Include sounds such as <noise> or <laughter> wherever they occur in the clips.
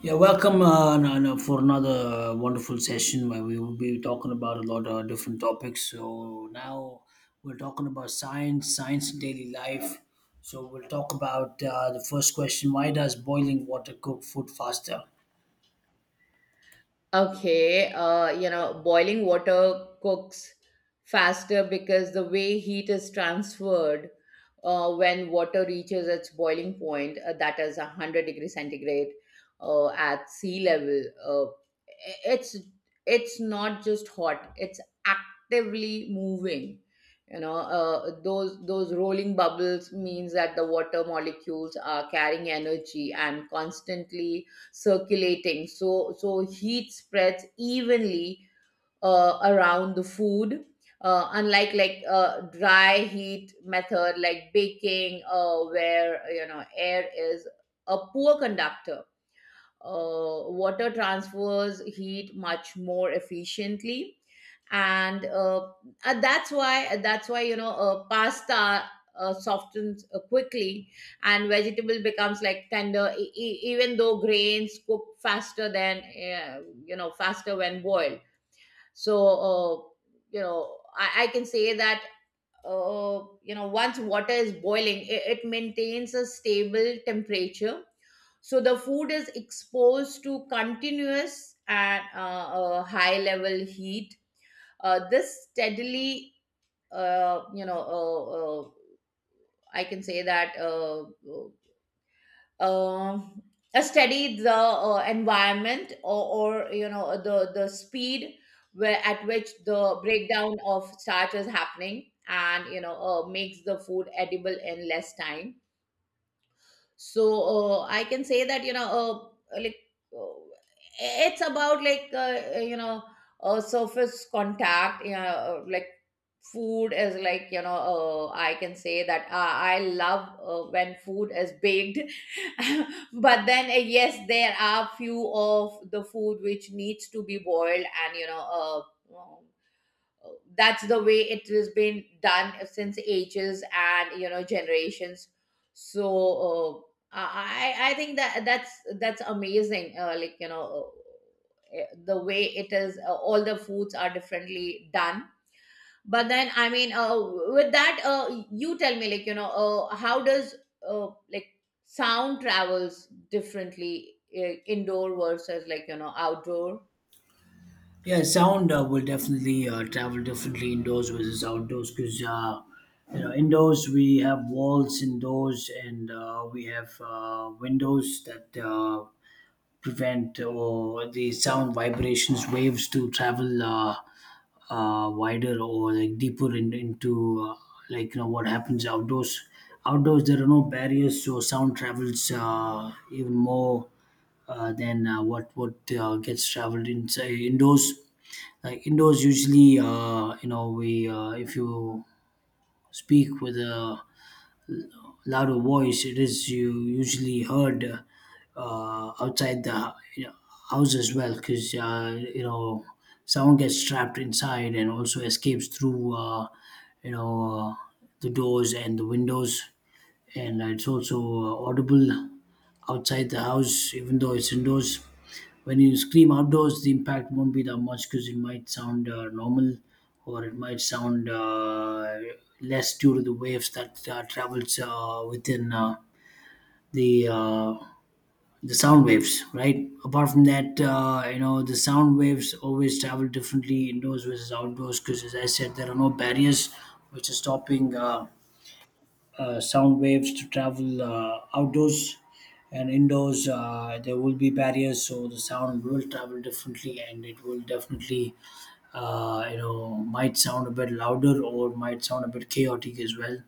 Yeah, welcome for another wonderful session where we will be talking about a lot of different topics. So now we're talking about science, science in daily life. So we'll talk about the first question: Why does boiling water cook food faster? Okay, boiling water cooks faster because the way heat is transferred when water reaches its boiling point, that is 100-degree centigrade at sea level. I- it's it's not just hot; it's actively moving. Those rolling bubbles means that the water molecules are carrying energy and constantly circulating, so heat spreads evenly around the food, unlike dry heat method like baking, where air is a poor conductor. Water transfers heat much more efficiently, and that's why pasta softens quickly, and vegetable becomes like tender, even though grains cook faster than you know faster when boiled. So I can say that once water is boiling, it maintains a stable temperature, so the food is exposed to continuous and high level heat. This steadily uh, you know uh, uh, I can say that uh, uh, steady the environment, or the speed where at which the breakdown of starch is happening, and makes the food edible in less time. I can say that you know like uh, it's about surface contact. Food is like you know I can say that I love when food is baked. <laughs> But then yes, there are few of the food which needs to be boiled, and uh, that's the way it has been done since ages and generations. So I think that that's amazing. The way it is all the foods are differently done. But then i mean uh, with that you tell me, how does uh, like sound travels differently, indoor versus outdoor? Yeah, sound will definitely travel differently indoors versus outdoors because indoors we have walls indoors and we have windows that. Prevent or the sound vibrations waves to travel wider or like deeper into uh, what happens outdoors. Outdoors there are no barriers so sound travels even more than what gets traveled inside indoors. Like indoors usually uh, we if you speak with a louder voice it is you usually heard outside the house as well because sound gets trapped inside and also escapes through you know uh, the doors and the windows, and it's also audible outside the house, even though it's indoors. When you scream outdoors, the impact won't be that much because it might sound normal, or it might sound less due to the waves that travels within the uh, the sound waves, right? Apart from that, the sound waves always travel differently indoors versus outdoors because, as I said, there are no barriers which are stopping. Sound waves to travel outdoors, and indoors there will be barriers, so the sound will travel differently and it will definitely uh, might sound a bit louder or might sound a bit chaotic as well,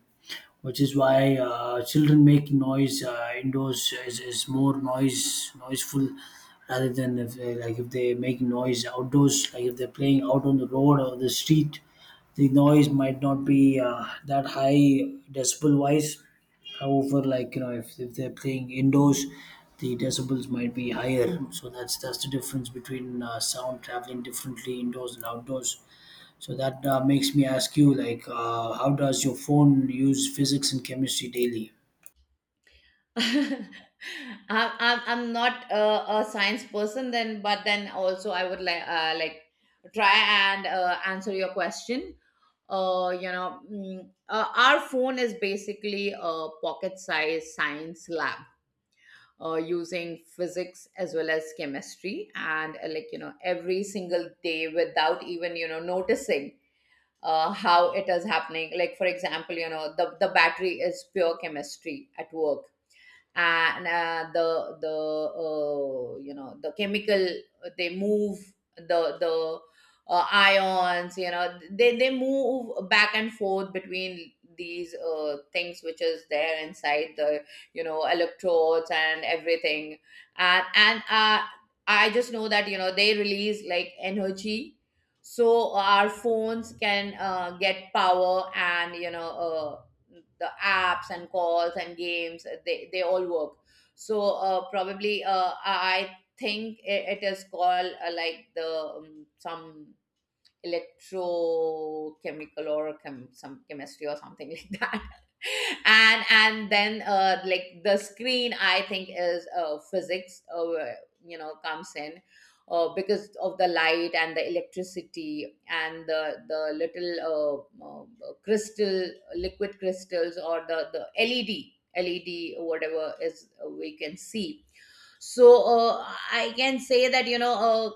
which is why children making noise indoors is more noiseful rather than if they, like if they make noise outdoors, like if they're playing out on the road or the street. The noise might not be that high, decibel wise. However, like if they're playing indoors the decibels might be higher, so that's the difference between sound traveling differently indoors and outdoors. So that makes me ask you, like, how does your phone use physics and chemistry daily? <laughs> I'm, I'm not a science person then, but then also I would like try and answer your question. Our phone is basically a pocket-sized science lab, using physics as well as chemistry and every single day without even noticing how it is happening, like for example, the battery is pure chemistry at work. And the the chemical, they move the ions, they move back and forth between these things which is there inside the electrodes and everything. And I just know that they release like energy, so our phones can get power and the apps and calls and games, they all work. So probably, I think it is called like the some electrochemical, or some chemistry or something <laughs> like that. And then, the screen I think is physics, comes in because of the light and the electricity and the little uh, crystal liquid crystals or the LED whatever is we can see. So I can say that you know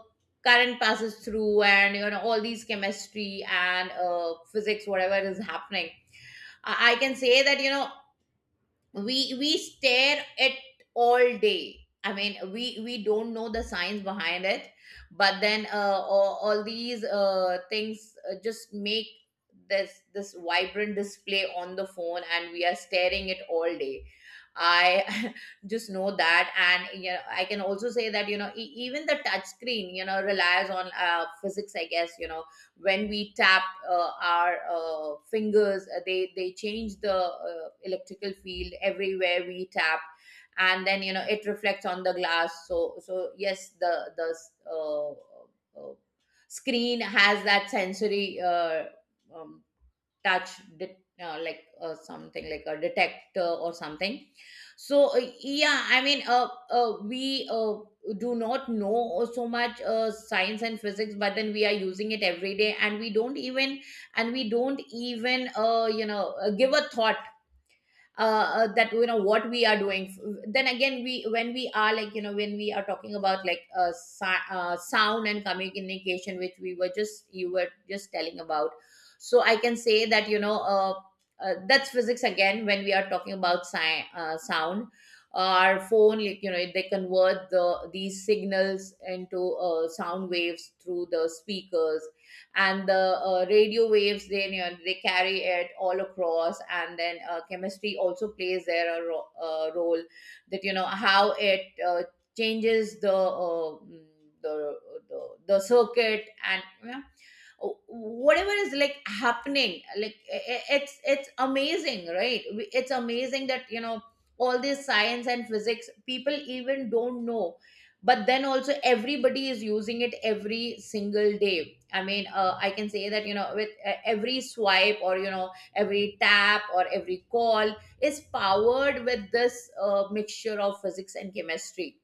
current passes through, and all these chemistry and physics, whatever is happening. I can say that we stare at all day. I mean, we don't know the science behind it, but then all these things just make this vibrant display on the phone, and we are staring it all day. I <laughs> just know that. And I can also say that even the touch screen relies on physics, I guess. When we tap, our fingers, they change the electrical field everywhere we tap. And then, it reflects on the glass. So yes, the uh, uh, screen has that sensory, um, touch, det- something like a detector or something. So yeah, I mean, we do not know so much science and physics, but then we are using it every day, and we don't even give a thought, that what we are doing. Then again, we when we are when we are talking about sound and communication, which we were just you were just telling about. So I can say that you know that's physics again when we are talking about sound. Our phone, they convert these signals into sound waves through the speakers, and the radio waves, they they carry it all across. And then, chemistry also plays there a role, that how it changes the the, the circuit, and whatever is like happening. It's amazing, right? It's amazing that all this science and physics people even don't know, but then also everybody is using it every single day. I mean, I can say that you know with every swipe or every tap or every call is powered with this mixture of physics and chemistry,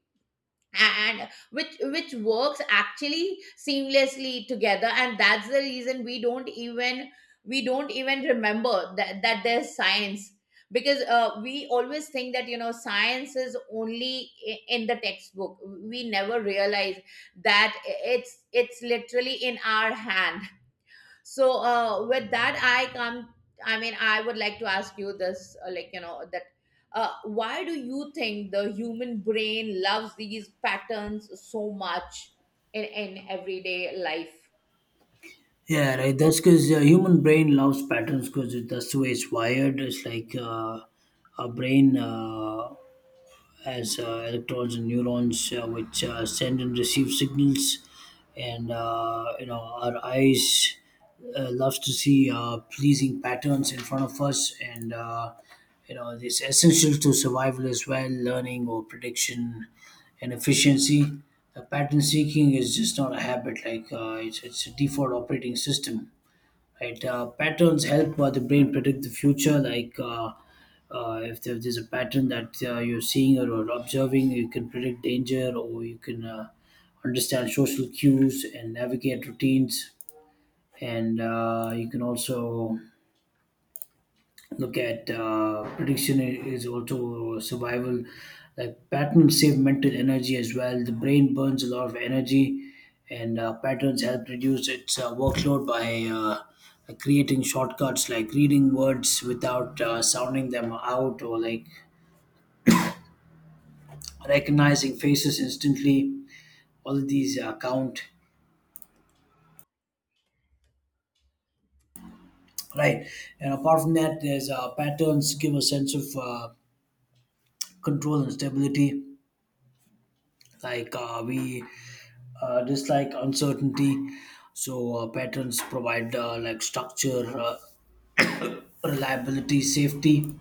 and which works actually seamlessly together. And that's the reason we don't even remember that there's science, because we always think that science is only in the textbook. We never realize that it's literally in our hand. So with that, I come. I mean, I would like to ask you this: that why do you think the human brain loves these patterns so much in everyday life? Yeah, right. That's because human brain loves patterns because that's the way it's wired. It's like our brain. As electrons and neurons, which send and receive signals. And our eyes loves to see pleasing patterns in front of us, and it's essential to survival as well, learning or prediction and efficiency. Pattern seeking is just not a habit; like it's a default operating system, right? Patterns help the brain predict the future. Like if there's a pattern that you're seeing or observing, you can predict danger, or you can understand social cues and navigate routines, and you can also look at prediction is also survival. Like patterns save mental energy as well. The brain burns a lot of energy, and patterns help reduce its workload by uh, creating shortcuts, like reading words without sounding them out, or like recognizing faces instantly. All of these count, right? And apart from that, there's patterns give a sense of control and stability. Like we dislike uncertainty, so patterns provide like structure, <clears throat> reliability, safety.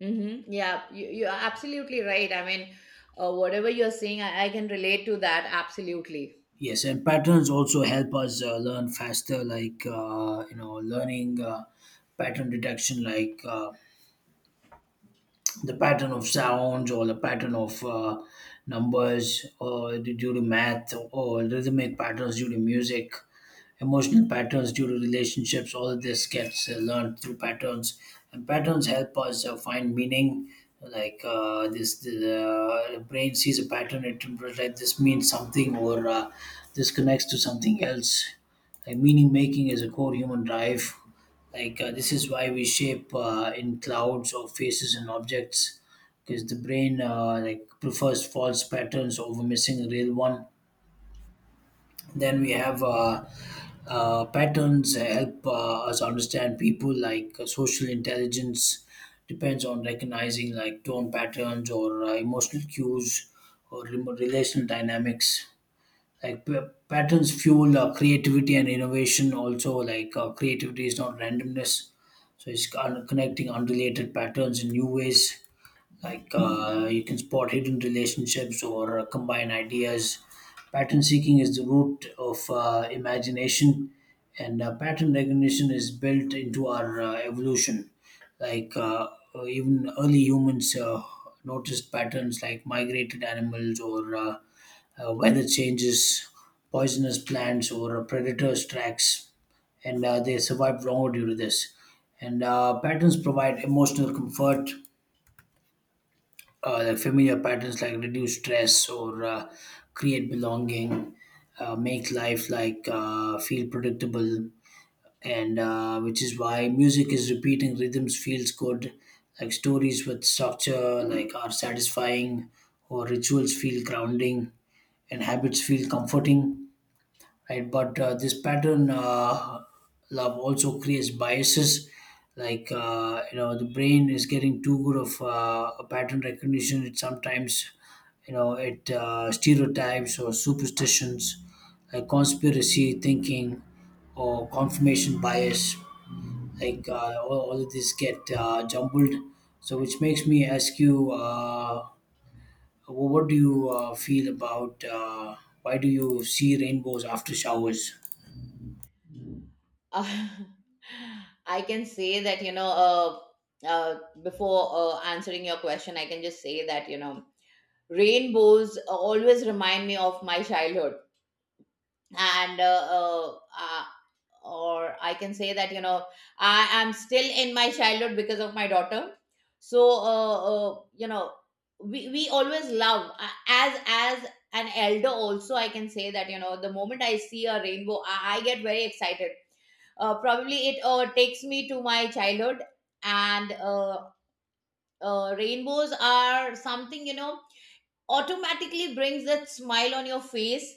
Hmm. Yeah, you are absolutely right. I mean, whatever you're saying, I can relate to that absolutely. Yes, and patterns also help us learn faster, like learning pattern detection, like the pattern of sounds or the pattern of numbers or due to math, or rhythmic patterns due to music, emotional patterns due to relationships. All of this gets learned through patterns, and patterns help us find meaning. The brain sees a pattern, it interprets that this means something, or this connects to something else. Like meaning making is a core human drive. Like this is why we shape in clouds or faces and objects, because the brain like prefers false patterns over missing a real one. Then we have patterns help us understand people, like social intelligence depends on recognizing like tone patterns or emotional cues or relational dynamics. Like p- Patterns fuel creativity and innovation. Also, like creativity is not randomness, so it's connecting unrelated patterns in new ways, like you can spot hidden relationships or combine ideas. Pattern seeking is the root of imagination, and pattern recognition is built into our evolution. Like even early humans noticed patterns like migrated animals or weather changes, poisonous plants or predators tracks, and they survived longer due to this. And patterns provide emotional comfort. The familiar patterns like reduce stress or create belonging, make life like feel predictable, and which is why music is repeating rhythms feels good, like stories with structure like are satisfying, or rituals feel grounding, and habits feel comforting, right? But this pattern love also creates biases, like uh, the brain is getting too good of a pattern recognition. It sometimes you know it stereotypes or superstitions, like conspiracy thinking or confirmation bias. Like all of these get jumbled. So which makes me ask you. What do you feel about why do you see rainbows after showers? Uh, <laughs> I can say that, before answering your question, I can just say that rainbows always remind me of my childhood. And or I can say that I am still in my childhood because of my daughter. So we always love, as an elder also, I can say that the moment I see a rainbow, I get very excited. Probably it takes me to my childhood. And rainbows are something, automatically brings that smile on your face.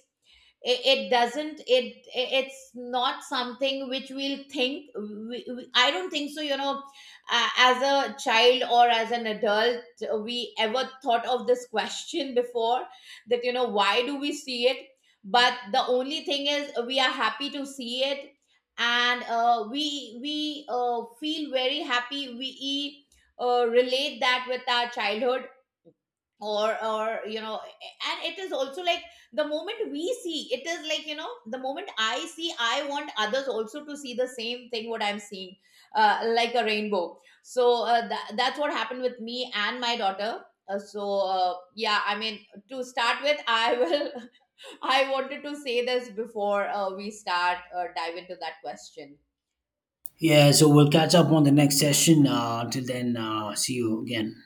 It doesn't, it's not something which we'll think. I don't think so, you know As a child or as an adult, we ever thought of this question before that why do we see it. But the only thing is we are happy to see it, and we feel very happy. We relate that with our childhood, or and it is also like, the moment we see it is, the moment I see, I want others also to see the same thing what I'm seeing, like a rainbow. So that's what happened with me and my daughter. So yeah, I mean, to start with, I will <laughs> I wanted to say this before we start dive into that question. Yeah, so we'll catch up on the next session. Until then, see you again.